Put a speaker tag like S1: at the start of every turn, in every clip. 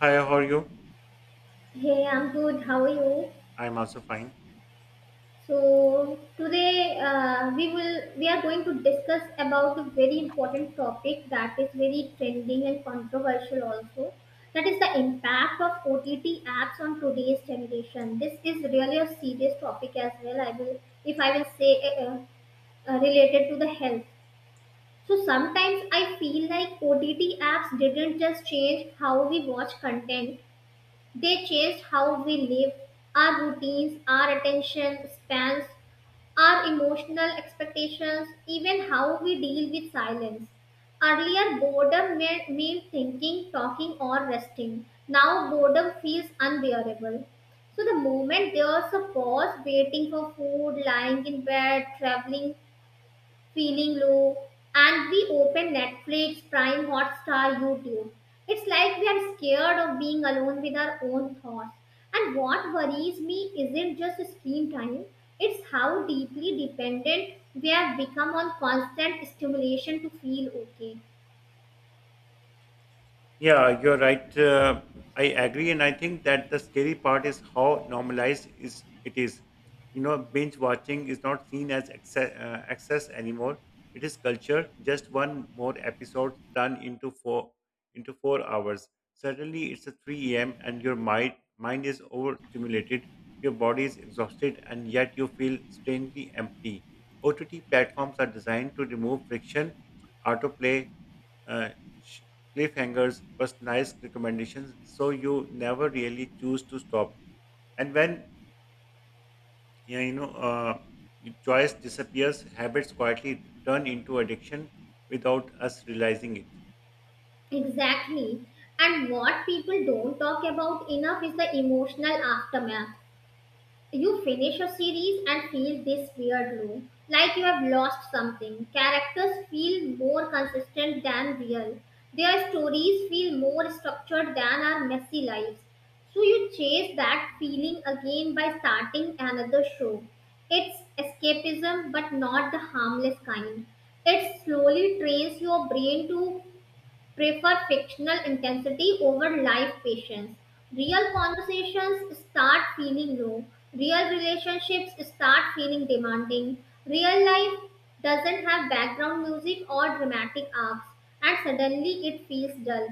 S1: Hi, how are you?
S2: Hey, I'm good. How are you?
S1: I'm also fine.
S2: So today we are going to discuss about a very important topic that is very trending and controversial also. That is the impact of OTT apps on today's generation. This is really a serious topic as well. I will if I will say uh, uh, Related to the health. So sometimes I feel like OTT apps didn't just change how we watch content. They changed how we live, our routines, our attention spans, our emotional expectations, even how we deal with silence. Earlier, boredom meant thinking, talking, or resting. Now, boredom feels unbearable. So, the moment there's a pause, waiting for food, lying in bed, traveling, feeling low, and we open Netflix, Prime, Hotstar, YouTube. It's like we are scared of being alone with our own thoughts, and what worries me isn't just screen time, it's how deeply dependent we have become on constant stimulation to feel okay.
S1: Yeah, you're right. I agree, and I think that the scary part is how normalized is it is. You know, binge watching is not seen as access, access anymore. It is culture. Just one more episode done into four into 4 hours. Suddenly, it's a three a.m. and your mind is overstimulated. Your body is exhausted, and yet you feel strangely empty. OTT platforms are designed to remove friction, autoplay, uh, sh- cliffhangers, personalized recommendations, so you never really choose to stop. And when yeah, your choice disappears, habits quietly turn into addiction without us realizing it.
S2: Exactly. And what people don't talk about enough is the emotional aftermath. You finish a series and feel this weird low, like you have lost something. Characters feel more consistent than real. Their stories feel more structured than our messy lives. So you chase that feeling again by starting another show. It's escapism, but not the harmless kind. It slowly trains your brain to prefer fictional intensity over live patience. Real conversations start feeling raw. Real relationships start feeling demanding. Real life doesn't have background music or dramatic arcs, and suddenly it feels dull.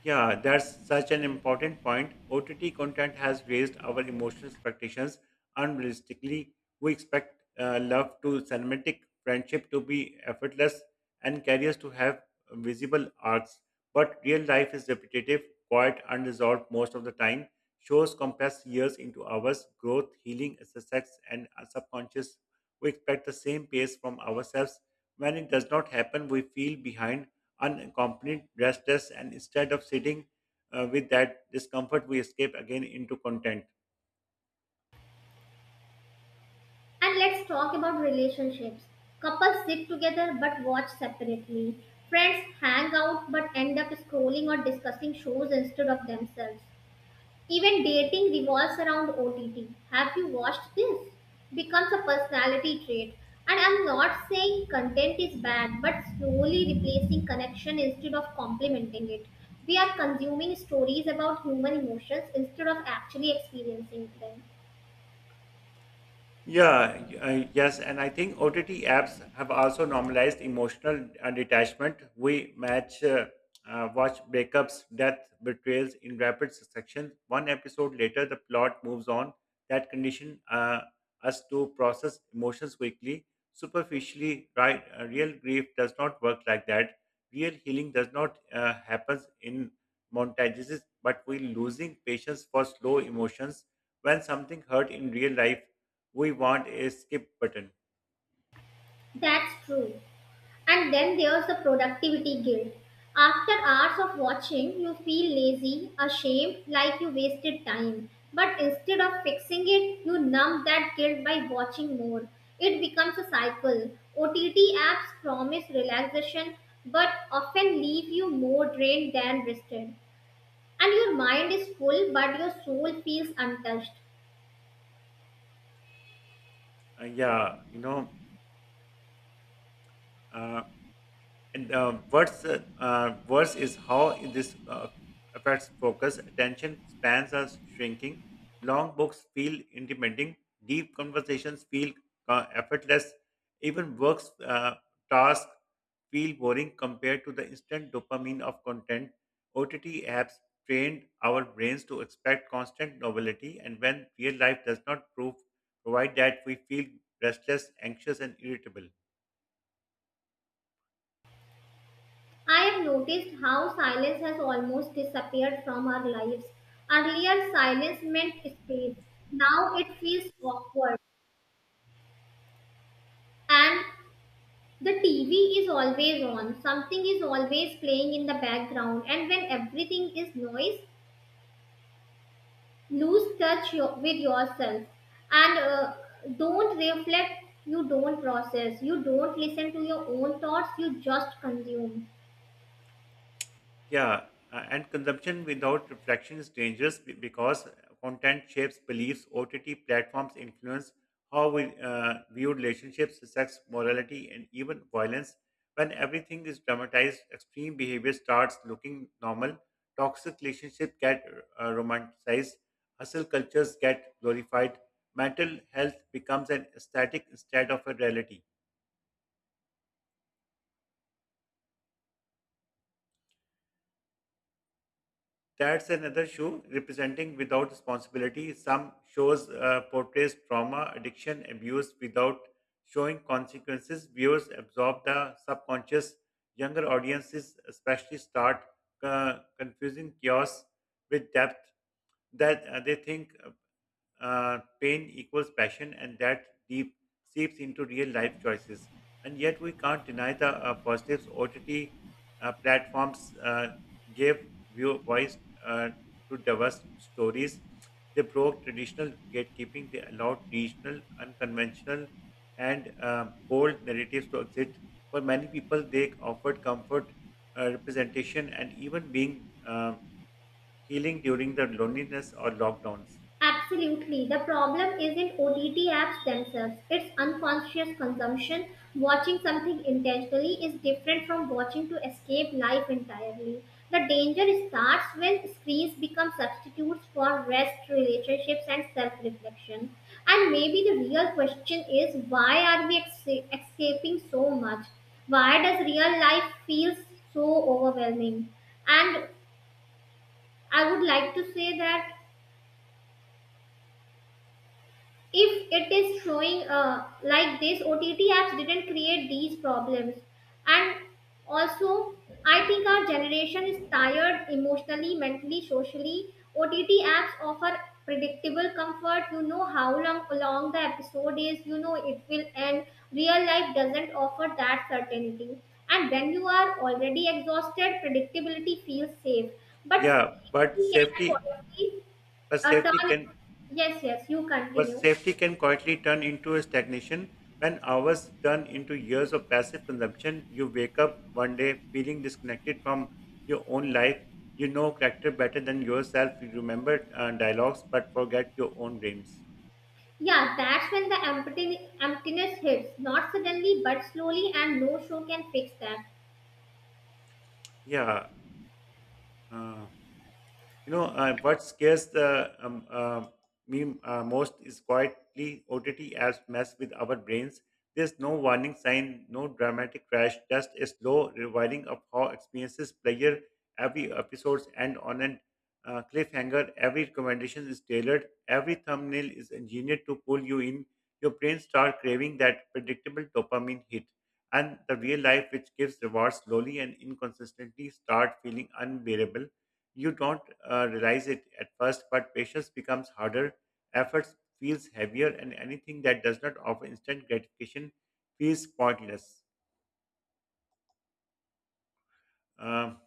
S1: Yeah, that's such an important point. OTT content has raised our emotional expectations unrealistically. We expect love to cinematic, friendship to be effortless, and careers to have visible arcs. But real life is repetitive, quiet, unresolved most of the time. Shows compress years into hours, growth, healing, success, and our subconscious. We expect the same pace from ourselves. When it does not happen, we feel behind unaccompanied restless and instead of sitting with that discomfort we escape again into content.
S2: And let's talk about relationships. Couples sit together but watch separately. Friends hang out but end up scrolling or discussing shows instead of themselves. Even dating revolves around OTT. Have you watched this? Becomes a personality trait. And I'm not saying content is bad, but slowly replacing connection instead of complementing it. We are consuming stories about human emotions instead of actually experiencing them.
S1: Yeah, yes, and I think OTT apps have also normalized emotional detachment. Watch breakups, death, betrayals in rapid succession. One episode later, the plot moves on. That condition us to process emotions quickly, superficially. Right, real grief does not work like that. Real healing does not happens in montages, but we're losing patience for slow emotions when something hurt in real life we want a skip button.
S2: That's true. And then there's the productivity guilt. After hours of watching, you feel lazy, ashamed, like you wasted time. But instead of fixing it, you numb that guilt by watching more. It becomes a cycle. OTT apps promise relaxation but often leave you more drained than rested. And your mind is full, but your soul feels untouched.
S1: Yeah, you know, uh, And what's worse is how this affects focus. Attention spans are shrinking. Long books feel intimidating. Deep conversations feel effortless. Even works tasks feel boring compared to the instant dopamine of content. OTT apps trained our brains to expect constant novelty, and when real life does not prove provide that, we feel restless, anxious, and irritable.
S2: I have noticed how silence has almost disappeared from our lives. Earlier, silence meant space. Now it feels awkward. And the TV is always on. Something is always playing in the background. And when everything is noise, lose touch your, with yourself. And Don't reflect. You don't process. You don't listen to your own thoughts. You just consume.
S1: Yeah, and consumption without reflection is dangerous because content shapes beliefs. OTT platforms influence how we view relationships, sex, morality, and even violence. When everything is dramatized, extreme behavior starts looking normal. Toxic relationships get romanticized. Hustle cultures get glorified. Mental health becomes an aesthetic instead of a reality. That's another shoe representing without responsibility. Some shows portrays trauma, addiction, abuse without showing consequences. Viewers absorb the subconscious. Younger audiences, especially, start confusing chaos with depth. That they think pain equals passion, and that deep seeps into real life choices. And yet, we can't deny the positives OTT platforms gave view voice uh, to diverse stories. They broke traditional gatekeeping. They allowed regional, unconventional, and bold narratives to exist. For many people, they offered comfort, representation, and even being healing during the loneliness or lockdowns.
S2: Absolutely. The problem isn't OTT apps themselves, it's unconscious consumption. Watching something intentionally is different from watching to escape life entirely. The danger starts when screens become substitutes for rest, relationships, and self reflection. And maybe the real question is why are we escaping so much? Why does real life feel so overwhelming? And I would like to say that if it is showing like this, OTT apps didn't create these problems, and also I think our generation is tired emotionally, mentally, socially. OTT apps offer predictable comfort. You know how long the episode is. You know it will end. Real life doesn't offer that certainty, and when you are already exhausted, predictability feels safe, but
S1: Yeah, but
S2: safety can
S1: safety,
S2: quality
S1: but
S2: a
S1: safety
S2: turn.
S1: can,
S2: Yes, yes, you
S1: but
S2: continue.
S1: safety can quietly turn into a stagnation. When hours turn into years of passive consumption, you wake up one day feeling disconnected from your own life. You know character better than yourself. You remember dialogues, but forget your own dreams.
S2: Yeah, that's when the emptiness hits. Not suddenly, but slowly, and no show can fix that.
S1: Yeah. uh, You know, what scares the, me most is quietly OTT apps mess with our brains. There's no warning sign, no dramatic crash, just a slow rewinding of how experiences player every episodes end on an cliffhanger. Every recommendation is tailored. Every thumbnail is engineered to pull you in. Your brain start craving that predictable dopamine hit. And the real life, which gives rewards slowly and inconsistently, start feeling unbearable you don't realize it at first, but patience becomes harder, efforts feels heavier, and anything that does not offer instant gratification feels pointless. Um,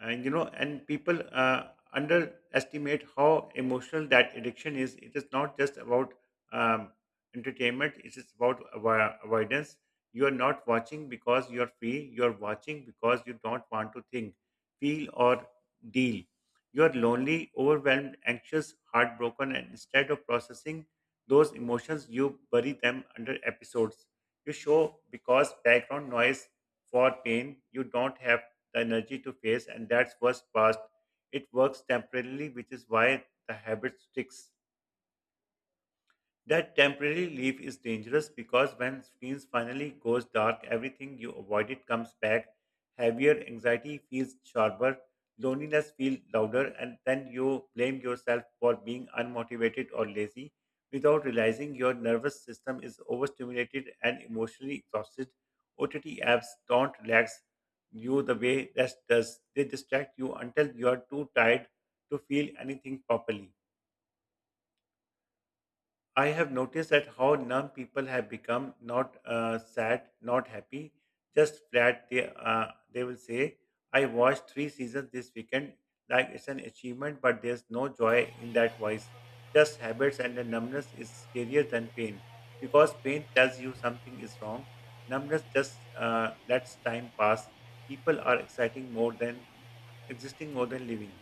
S1: and you know and people underestimate how emotional that addiction is it is not just about um, entertainment it is about avoidance. You are not watching because you are free, you are watching because you don't want to think, feel or deal. You are lonely, overwhelmed, anxious, heartbroken, and instead of processing those emotions you bury them under episodes. You show because background noise for pain you don't have the energy to face, and that's what's past. It works temporarily, which is why the habit sticks. That temporary leave is dangerous because when screens finally goes dark, everything you avoided comes back. Heavier anxiety feels sharper, loneliness feels louder, and then you blame yourself for being unmotivated or lazy without realizing your nervous system is overstimulated and emotionally exhausted. OTT apps don't relax you the way rest does. They distract you until you are too tired to feel anything properly. I have noticed that how numb people have become, not sad, not happy, just flat. They will say, "I watched 3 seasons this weekend," like it's an achievement, but there's no joy in that voice. Just habits and the numbness is scarier than pain because pain tells you something is wrong. Numbness just lets time pass. People are exciting more than existing more than living.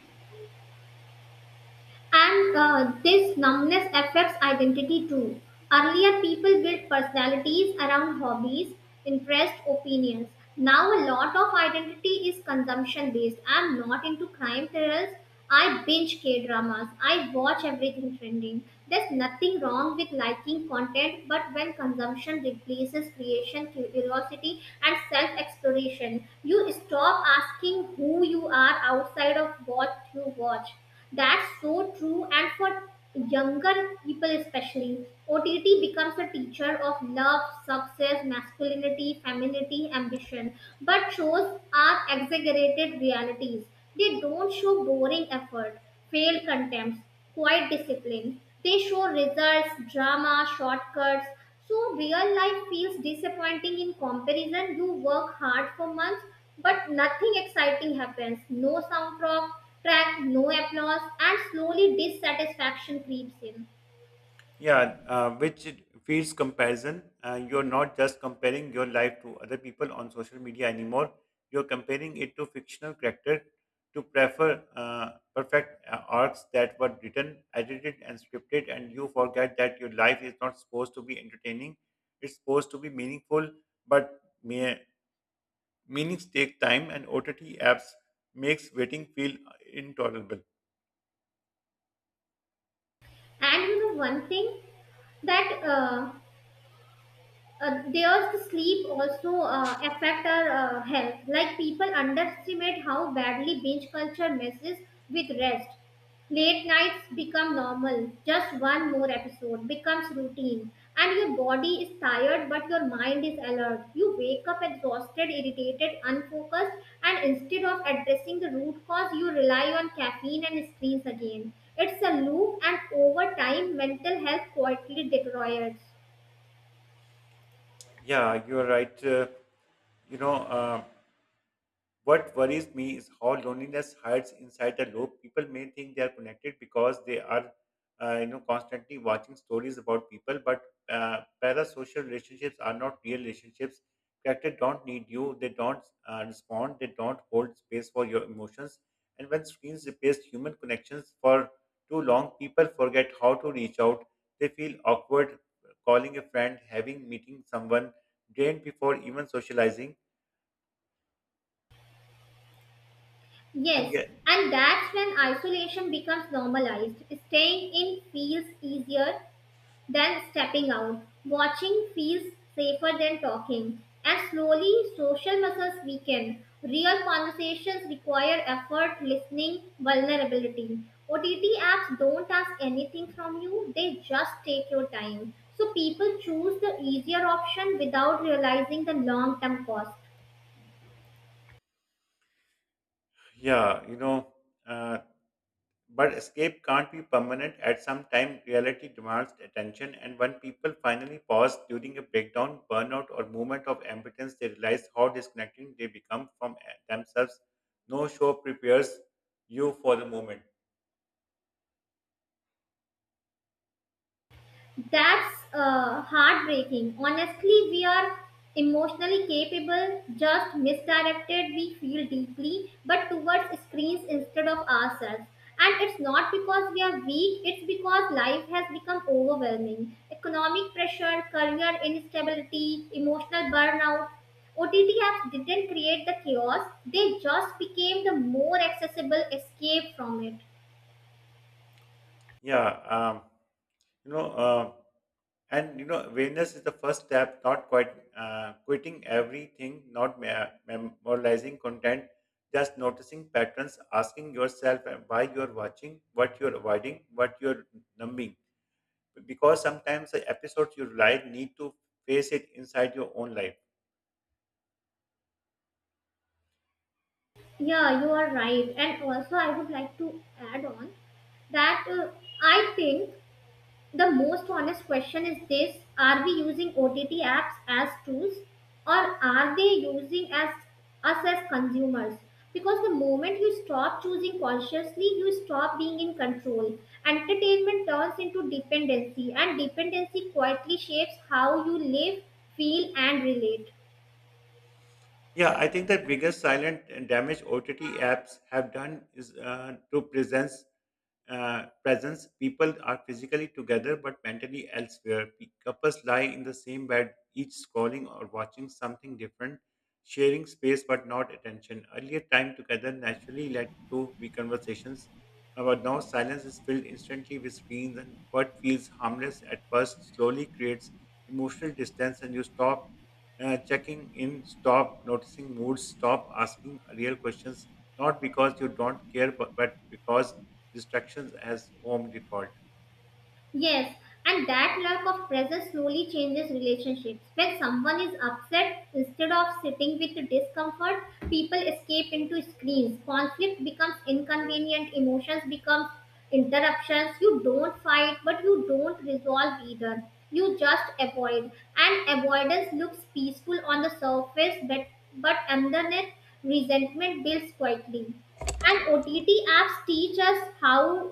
S2: And this numbness affects identity too. Earlier, people built personalities around hobbies, interests, opinions. Now, a lot of identity is consumption based. I'm not into crime thrillers. I binge K dramas. I watch everything trending. There's nothing wrong with liking content, but when consumption replaces creation, curiosity, and self exploration, you stop asking who you are outside of what you watch. That's so true, and for younger people especially, OTT becomes a teacher of love, success, masculinity, femininity, ambition, but shows are exaggerated realities. They don't show boring effort, failed contempts, quite disciplined. They show results, drama, shortcuts. So real life feels disappointing in comparison. You work hard for months, but nothing exciting happens. No soundtrack, track, no applause, and slowly dissatisfaction creeps in.
S1: Yeah, which it feeds comparison. You're not just comparing your life to other people on social media anymore. You're comparing it to fictional character to prefer perfect arcs that were written, edited, and scripted, and you forget that your life is not supposed to be entertaining. It's supposed to be meaningful, but meanings take time, and OTT apps makes waiting feel intolerable.
S2: And you know one thing, that there's the sleep also affect our health. Like people underestimate how badly binge culture messes with rest. Late nights become normal. Just one more episode becomes routine. And your body is tired, but your mind is alert. You wake up exhausted, irritated, unfocused, and instead of addressing the root cause, you rely on caffeine and screens again. It's a loop, and over time, mental health quietly deteriorates.
S1: Yeah, you're right. You know. Uh, What worries me is how loneliness hides inside the loop. People may think they are connected because they are, constantly watching stories about people, but parasocial relationships are not real relationships. Characters don't need you. They don't respond. They don't hold space for your emotions. And when screens replace human connections for too long, people forget how to reach out. They feel awkward calling a friend, having meeting someone, drained before even socializing. And
S2: Yes,
S1: ye-
S2: and that's when isolation becomes normalized. Staying in feels easier than stepping out. Watching feels safer than talking. And slowly, social muscles weaken. Real conversations require effort, listening, vulnerability. OTT apps don't ask anything from you, they just take your time. So people choose the easier option without realizing the long term cost.
S1: Yeah, uh, but escape can't be permanent. At some time, reality demands attention, and when people finally pause during a breakdown, burnout, or moment of impotence, they realize how disconnected they become from themselves. No show prepares you for the moment.
S2: That's heartbreaking. Honestly, we are emotionally capable, just misdirected. We feel deeply, but towards screens instead of ourselves. And it's not because we are weak, it's because life has become overwhelming. Economic pressure, career instability, emotional burnout. OTT apps didn't create the chaos, they just became the more accessible escape from it.
S1: Yeah, you know and you know Awareness is the first step, not quite quitting everything, not memorizing content, just noticing patterns, asking yourself why you're watching, what you're avoiding, what you're numbing, because sometimes the episodes you like need to face it inside your own life.
S2: Yeah, you are right. And also, I would like to add on that I think the most honest question is this: are we using OTT apps as tools, or are they using as us as consumers? Because the moment you stop choosing consciously, you stop being in control. Entertainment turns into dependency, and dependency quietly shapes how you live, feel, and relate.
S1: Yeah, I think the biggest silent and damage OTT apps have done is to presence. People are physically together but mentally elsewhere. Couples lie in the same bed, each scrolling or watching something different, sharing space but not attention. Earlier time together naturally led to be conversations, but now silence is filled instantly with screens, and what feels harmless at first slowly creates emotional distance, and you stop checking in, stop noticing moods, stop asking real questions, not because you don't care, but because distractions as home default.
S2: Yes, and that lack of presence slowly changes relationships. When someone is upset, instead of sitting with discomfort, people escape into screens. Conflict becomes inconvenient, emotions become interruptions. You don't fight, but you don't resolve either. You just avoid. And avoidance looks peaceful on the surface, but underneath, resentment builds quietly. And OTT apps teach us how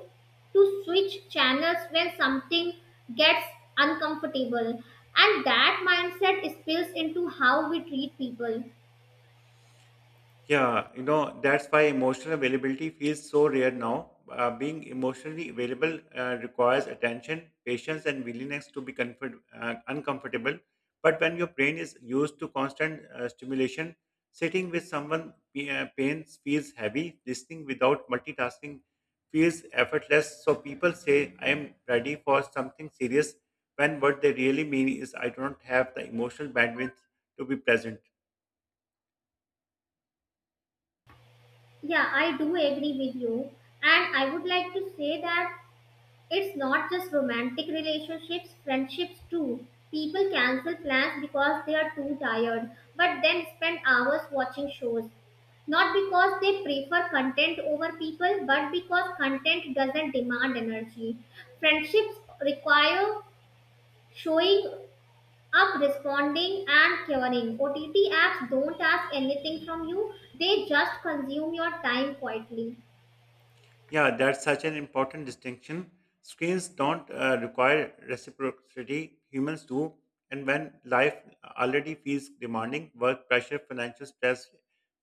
S2: to switch channels when something gets uncomfortable, and that mindset spills into how we treat people.
S1: Yeah, you know, that's why emotional availability feels so rare now. Being emotionally available requires attention, patience, and willingness to be uncomfortable. But when your brain is used to constant stimulation, sitting with someone pains feels heavy. Listening without multitasking feels effortless. So people say, "I am ready for something serious," when what they really mean is, "I don't have the emotional bandwidth to be present."
S2: Yeah, I do agree with you, and I would like to say that it's not just romantic relationships, friendships too. People cancel plans because they are too tired, but then spend hours watching shows, not because they prefer content over people, but because content doesn't demand energy. Friendships require showing up, responding, and caring. OTT apps don't ask anything from you, they just consume your time quietly.
S1: Yeah, that's such an important distinction. Screens don't require reciprocity, humans do. And when life already feels demanding, work pressure, financial stress,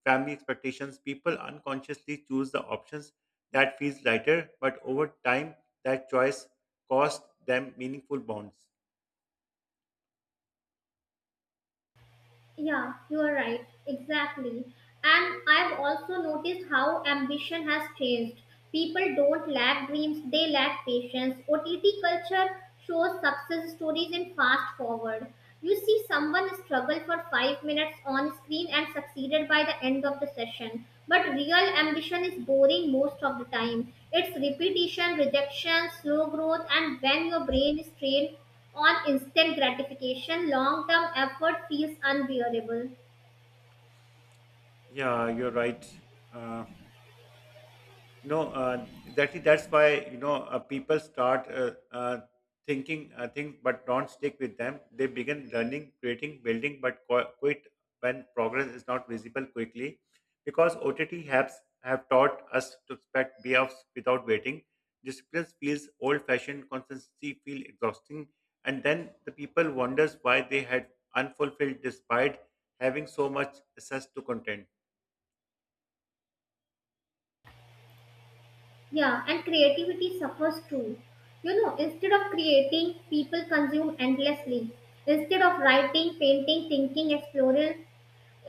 S1: family expectations, people unconsciously choose the options that feels lighter, but over time, that choice costs them meaningful bonds.
S2: Yeah, you are right. Exactly. And I've also noticed how ambition has changed. People don't lack dreams, they lack patience. OTT culture shows success stories in fast forward. You see someone struggle for 5 minutes on screen and succeeded by the end of the session. But real ambition is boring most of the time. It's repetition, rejection, slow growth, and when your brain is trained on instant gratification, long term effort feels unbearable.
S1: Yeah, you're right. Uh, exactly that's why people start think but don't stick with them they begin learning creating building but quit when progress is not visible quickly because OTT helps have taught us to expect payoffs without waiting discipline feels old fashioned consistency feels exhausting and then the people wonders why they had unfulfilled despite having so much access to content.
S2: Yeah, and creativity suffers too. You know, instead of creating, people consume endlessly. Instead of writing, painting, thinking, exploring,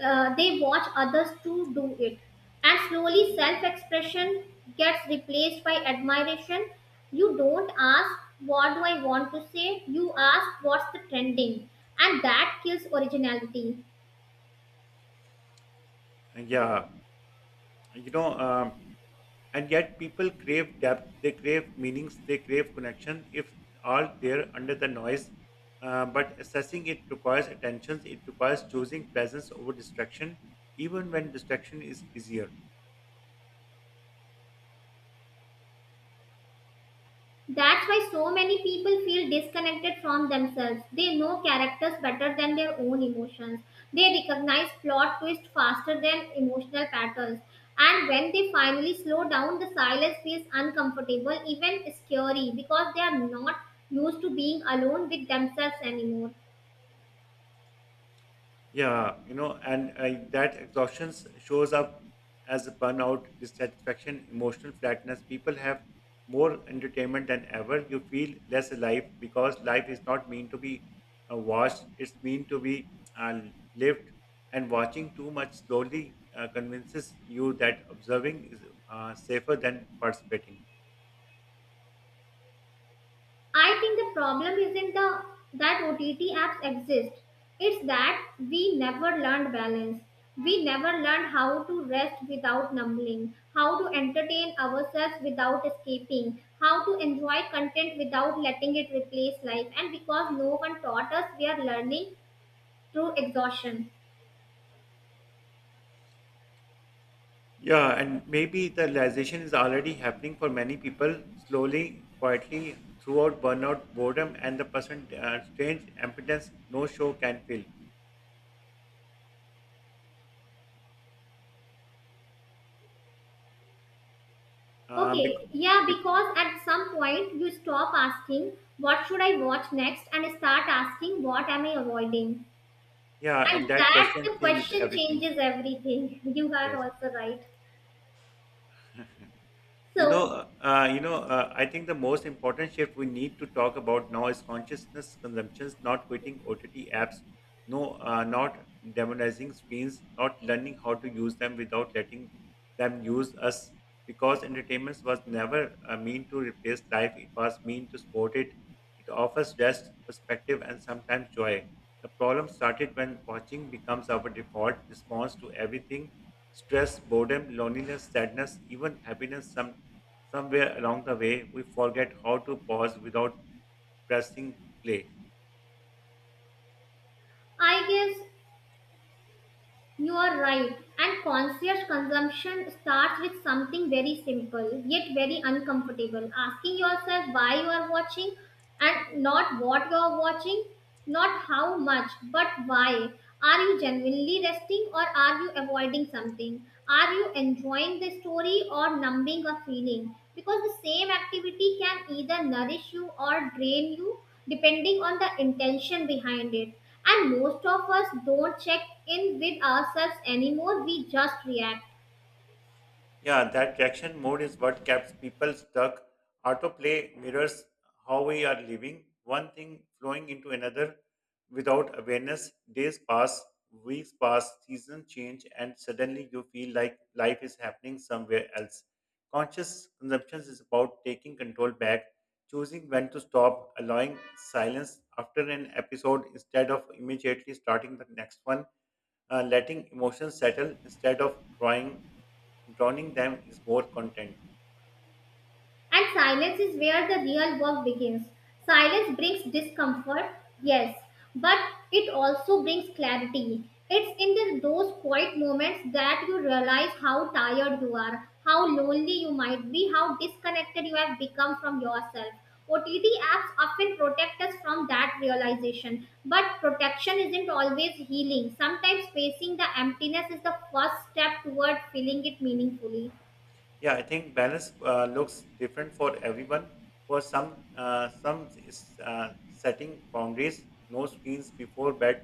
S2: they watch others to do it. And slowly, self expression gets replaced by admiration. You don't ask, "What do I want to say?" You ask, "What's the trending?" And that kills originality.
S1: And yeah you know And yet people crave depth, they crave meanings, they crave connection if all there under the noise. But assessing it requires attention, it requires choosing presence over distraction even when distraction is easier.
S2: That's why so many people feel disconnected from themselves. They know characters better than their own emotions. They recognize plot twists faster than emotional patterns. And when they finally slow down, the silence feels uncomfortable, even scary, because they are not used to being alone with themselves anymore.
S1: Yeah, you know, and that exhaustion shows up as burnout, dissatisfaction, emotional flatness. People have more entertainment than ever. You feel less alive because life is not meant to be watched, it's meant to be uh, lived. And watching too much slowly convinces you that observing is safer than participating.
S2: I think the problem isn't the that OTT apps exist. It's that we never learned balance. We never learned how to rest without numbing, how to entertain ourselves without escaping, how to enjoy content without letting it replace life. And because no one taught us, we are learning through exhaustion.
S1: Yeah, and maybe the realization is already happening for many people slowly, quietly, throughout burnout, boredom, and the person strange impotence no show can fill. Um, bec-
S2: Okay, yeah,
S1: bec-
S2: because at some point you stop asking, "What should I watch next?" and start asking, "What am I avoiding?"
S1: yeah,
S2: And
S1: and that
S2: that the
S1: question changes
S2: question
S1: everything.
S2: changes everything you are
S1: Yes.
S2: also right. So
S1: I think the most important shift we need to talk about now is consciousness consumptions, not quitting OTT apps, no, not demonizing screens, not learning how to use them without letting them use us. Because entertainment was never meant to replace life; it was meant to support it. It offers rest, perspective, and sometimes joy. The problem started when watching becomes our default response to everything stress, boredom, loneliness, sadness, even happiness. Somewhere along the way, we forget how to pause without pressing play.
S2: I guess you are right, and conscious consumption starts with something very simple yet very uncomfortable: asking yourself why you are watching, and not what you're watching, not how much, but why. Are you genuinely resting, or are you avoiding something? Are you enjoying the story or numbing a feeling? Because the same activity can either nourish you or drain you depending on the intention behind it. And most of us don't check in with ourselves anymore, we just react.
S1: Yeah, that reaction mode is what keeps people stuck. Autoplay mirrors how we are living, one thing flowing into another without awareness. Days pass, weeks pass, seasons change, and suddenly you feel like life is happening somewhere else. Conscious consumption is about taking control back, choosing when to stop, allowing silence after an episode instead of immediately starting the next one, letting emotions settle instead of trying drowning them is more content.
S2: And silence is where the real work begins. Silence brings discomfort, yes, but it also brings clarity. It's in the, those quiet moments that you realize how tired you are, how lonely you might be, how disconnected you have become from yourself. OTT apps often protect us from that realization, but protection isn't always healing. Sometimes facing the emptiness is the first step toward filling it meaningfully.
S1: Yeah, I think balance looks different for everyone. For some is setting boundaries, no screens before bed,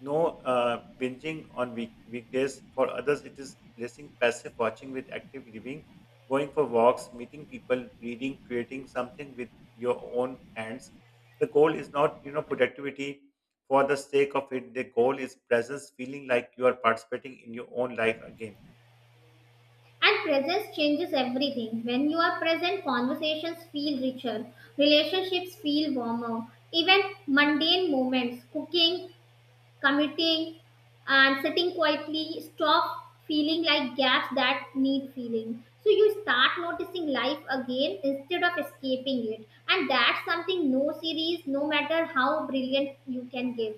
S1: no binging on weekdays. For others, it is replacing passive watching with active living, going for walks, meeting people, reading, creating something with your own hands. The goal is not, productivity for the sake of it. The goal is presence, feeling like you are participating in your own life again.
S2: And presence changes everything. When you are present, conversations feel richer, relationships feel warmer, even mundane moments, cooking, commuting, and sitting quietly stop feeling like gaps that need feeling. So you start noticing life again instead of escaping it. And that's something no series, no matter how brilliant, you can give.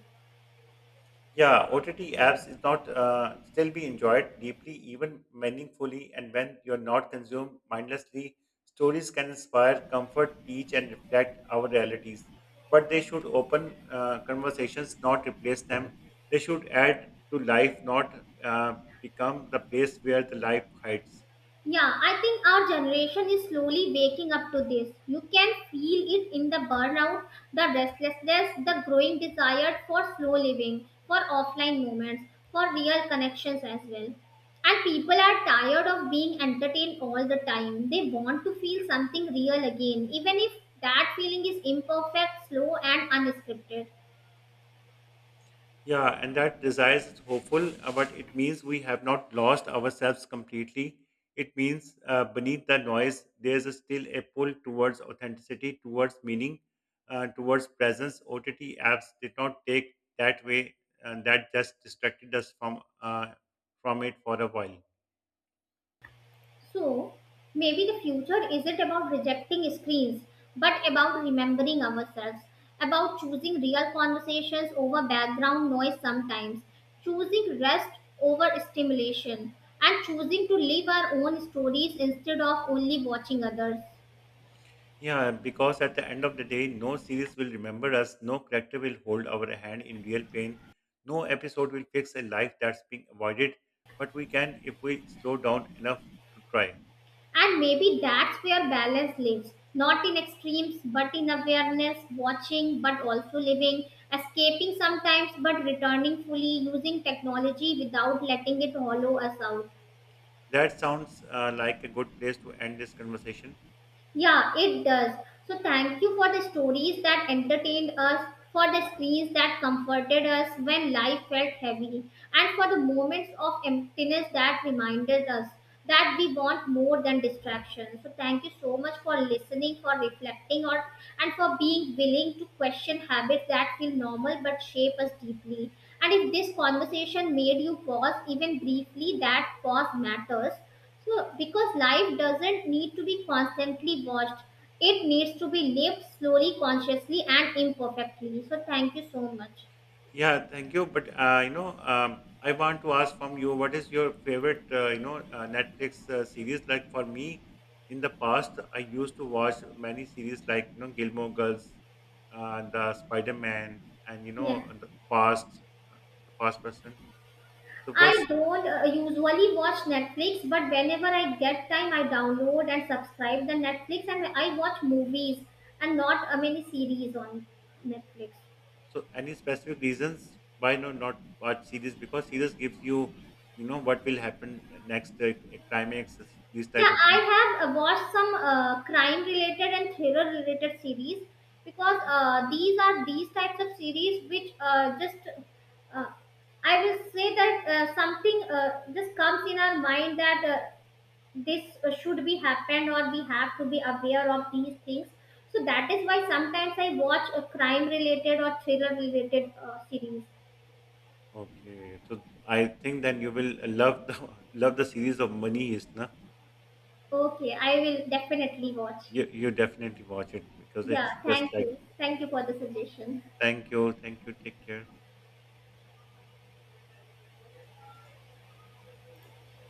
S1: Yeah, OTT apps is not still be enjoyed deeply, even meaningfully, and when you're not consumed mindlessly, stories can inspire, comfort, teach, and reflect our realities. But they should open conversations, not replace them. They should add to life, not become the place where the life hides.
S2: Yeah, I think our generation is slowly waking up to this. You can feel it in the burnout, the restlessness, the growing desire for slow living, for offline moments, for real connections as well. And people are tired of being entertained all the time. They want to feel something real again, even if that feeling is imperfect, slow, and unscripted.
S1: Yeah, and that desire is hopeful, but it means we have not lost ourselves completely. It means beneath the noise, there is a still a pull towards authenticity, towards meaning, towards presence. OTT apps did not take that way, and that just distracted us from it for a while.
S2: So, maybe the future isn't about rejecting screens, but about remembering ourselves, about choosing real conversations over background noise sometimes, choosing rest over stimulation, and choosing to live our own stories instead of only watching others.
S1: Yeah, because at the end of the day, no series will remember us, no character will hold our hand in real pain, no episode will fix a life that's being avoided, but we can if we slow down enough to try.
S2: And maybe that's where balance lives. Not in extremes, but in awareness, watching, but also living, escaping sometimes, but returning fully, using technology without letting it hollow us out.
S1: That sounds like a good place to end this conversation.
S2: Yeah, it does. So thank you for the stories that entertained us, for the screens that comforted us when life felt heavy, and for the moments of emptiness that reminded us that we want more than distraction. So thank you so much for listening, for reflecting, or and for being willing to question habits that feel normal but shape us deeply. And if this conversation made you pause even briefly, that pause matters. So, because life doesn't need to be constantly watched, it needs to be lived slowly, consciously, and imperfectly. So, thank you so much.
S1: Yeah, thank you. But I want to ask from you, what is your favorite, Netflix series? Like for me, in the past, I used to watch many series like Gilmore Girls, the Spider Man, and
S2: Yeah,
S1: uh, the Fast Person. So
S2: I
S1: what's
S2: don't usually watch Netflix, but whenever I get time, I download and subscribe the Netflix, and I watch movies and not many series on Netflix.
S1: so any specific reasons why no not watch series? Because series gives you, what will happen next, climax, these type
S2: Yeah,
S1: of things.
S2: I have watched some crime related and thriller related series because these are these types of series which just uh, I will say that something just comes in our mind that this should be happened or we have to be aware of these things. So that is why sometimes I watch a crime related or thriller related series.
S1: Okay, so I think then you will love the love the series of Money Heist, na?
S2: Okay, I will definitely watch.
S1: You definitely watch it because it's
S2: Yeah,
S1: just
S2: thank
S1: like
S2: you. Thank you for the suggestion.
S1: thank you, take care.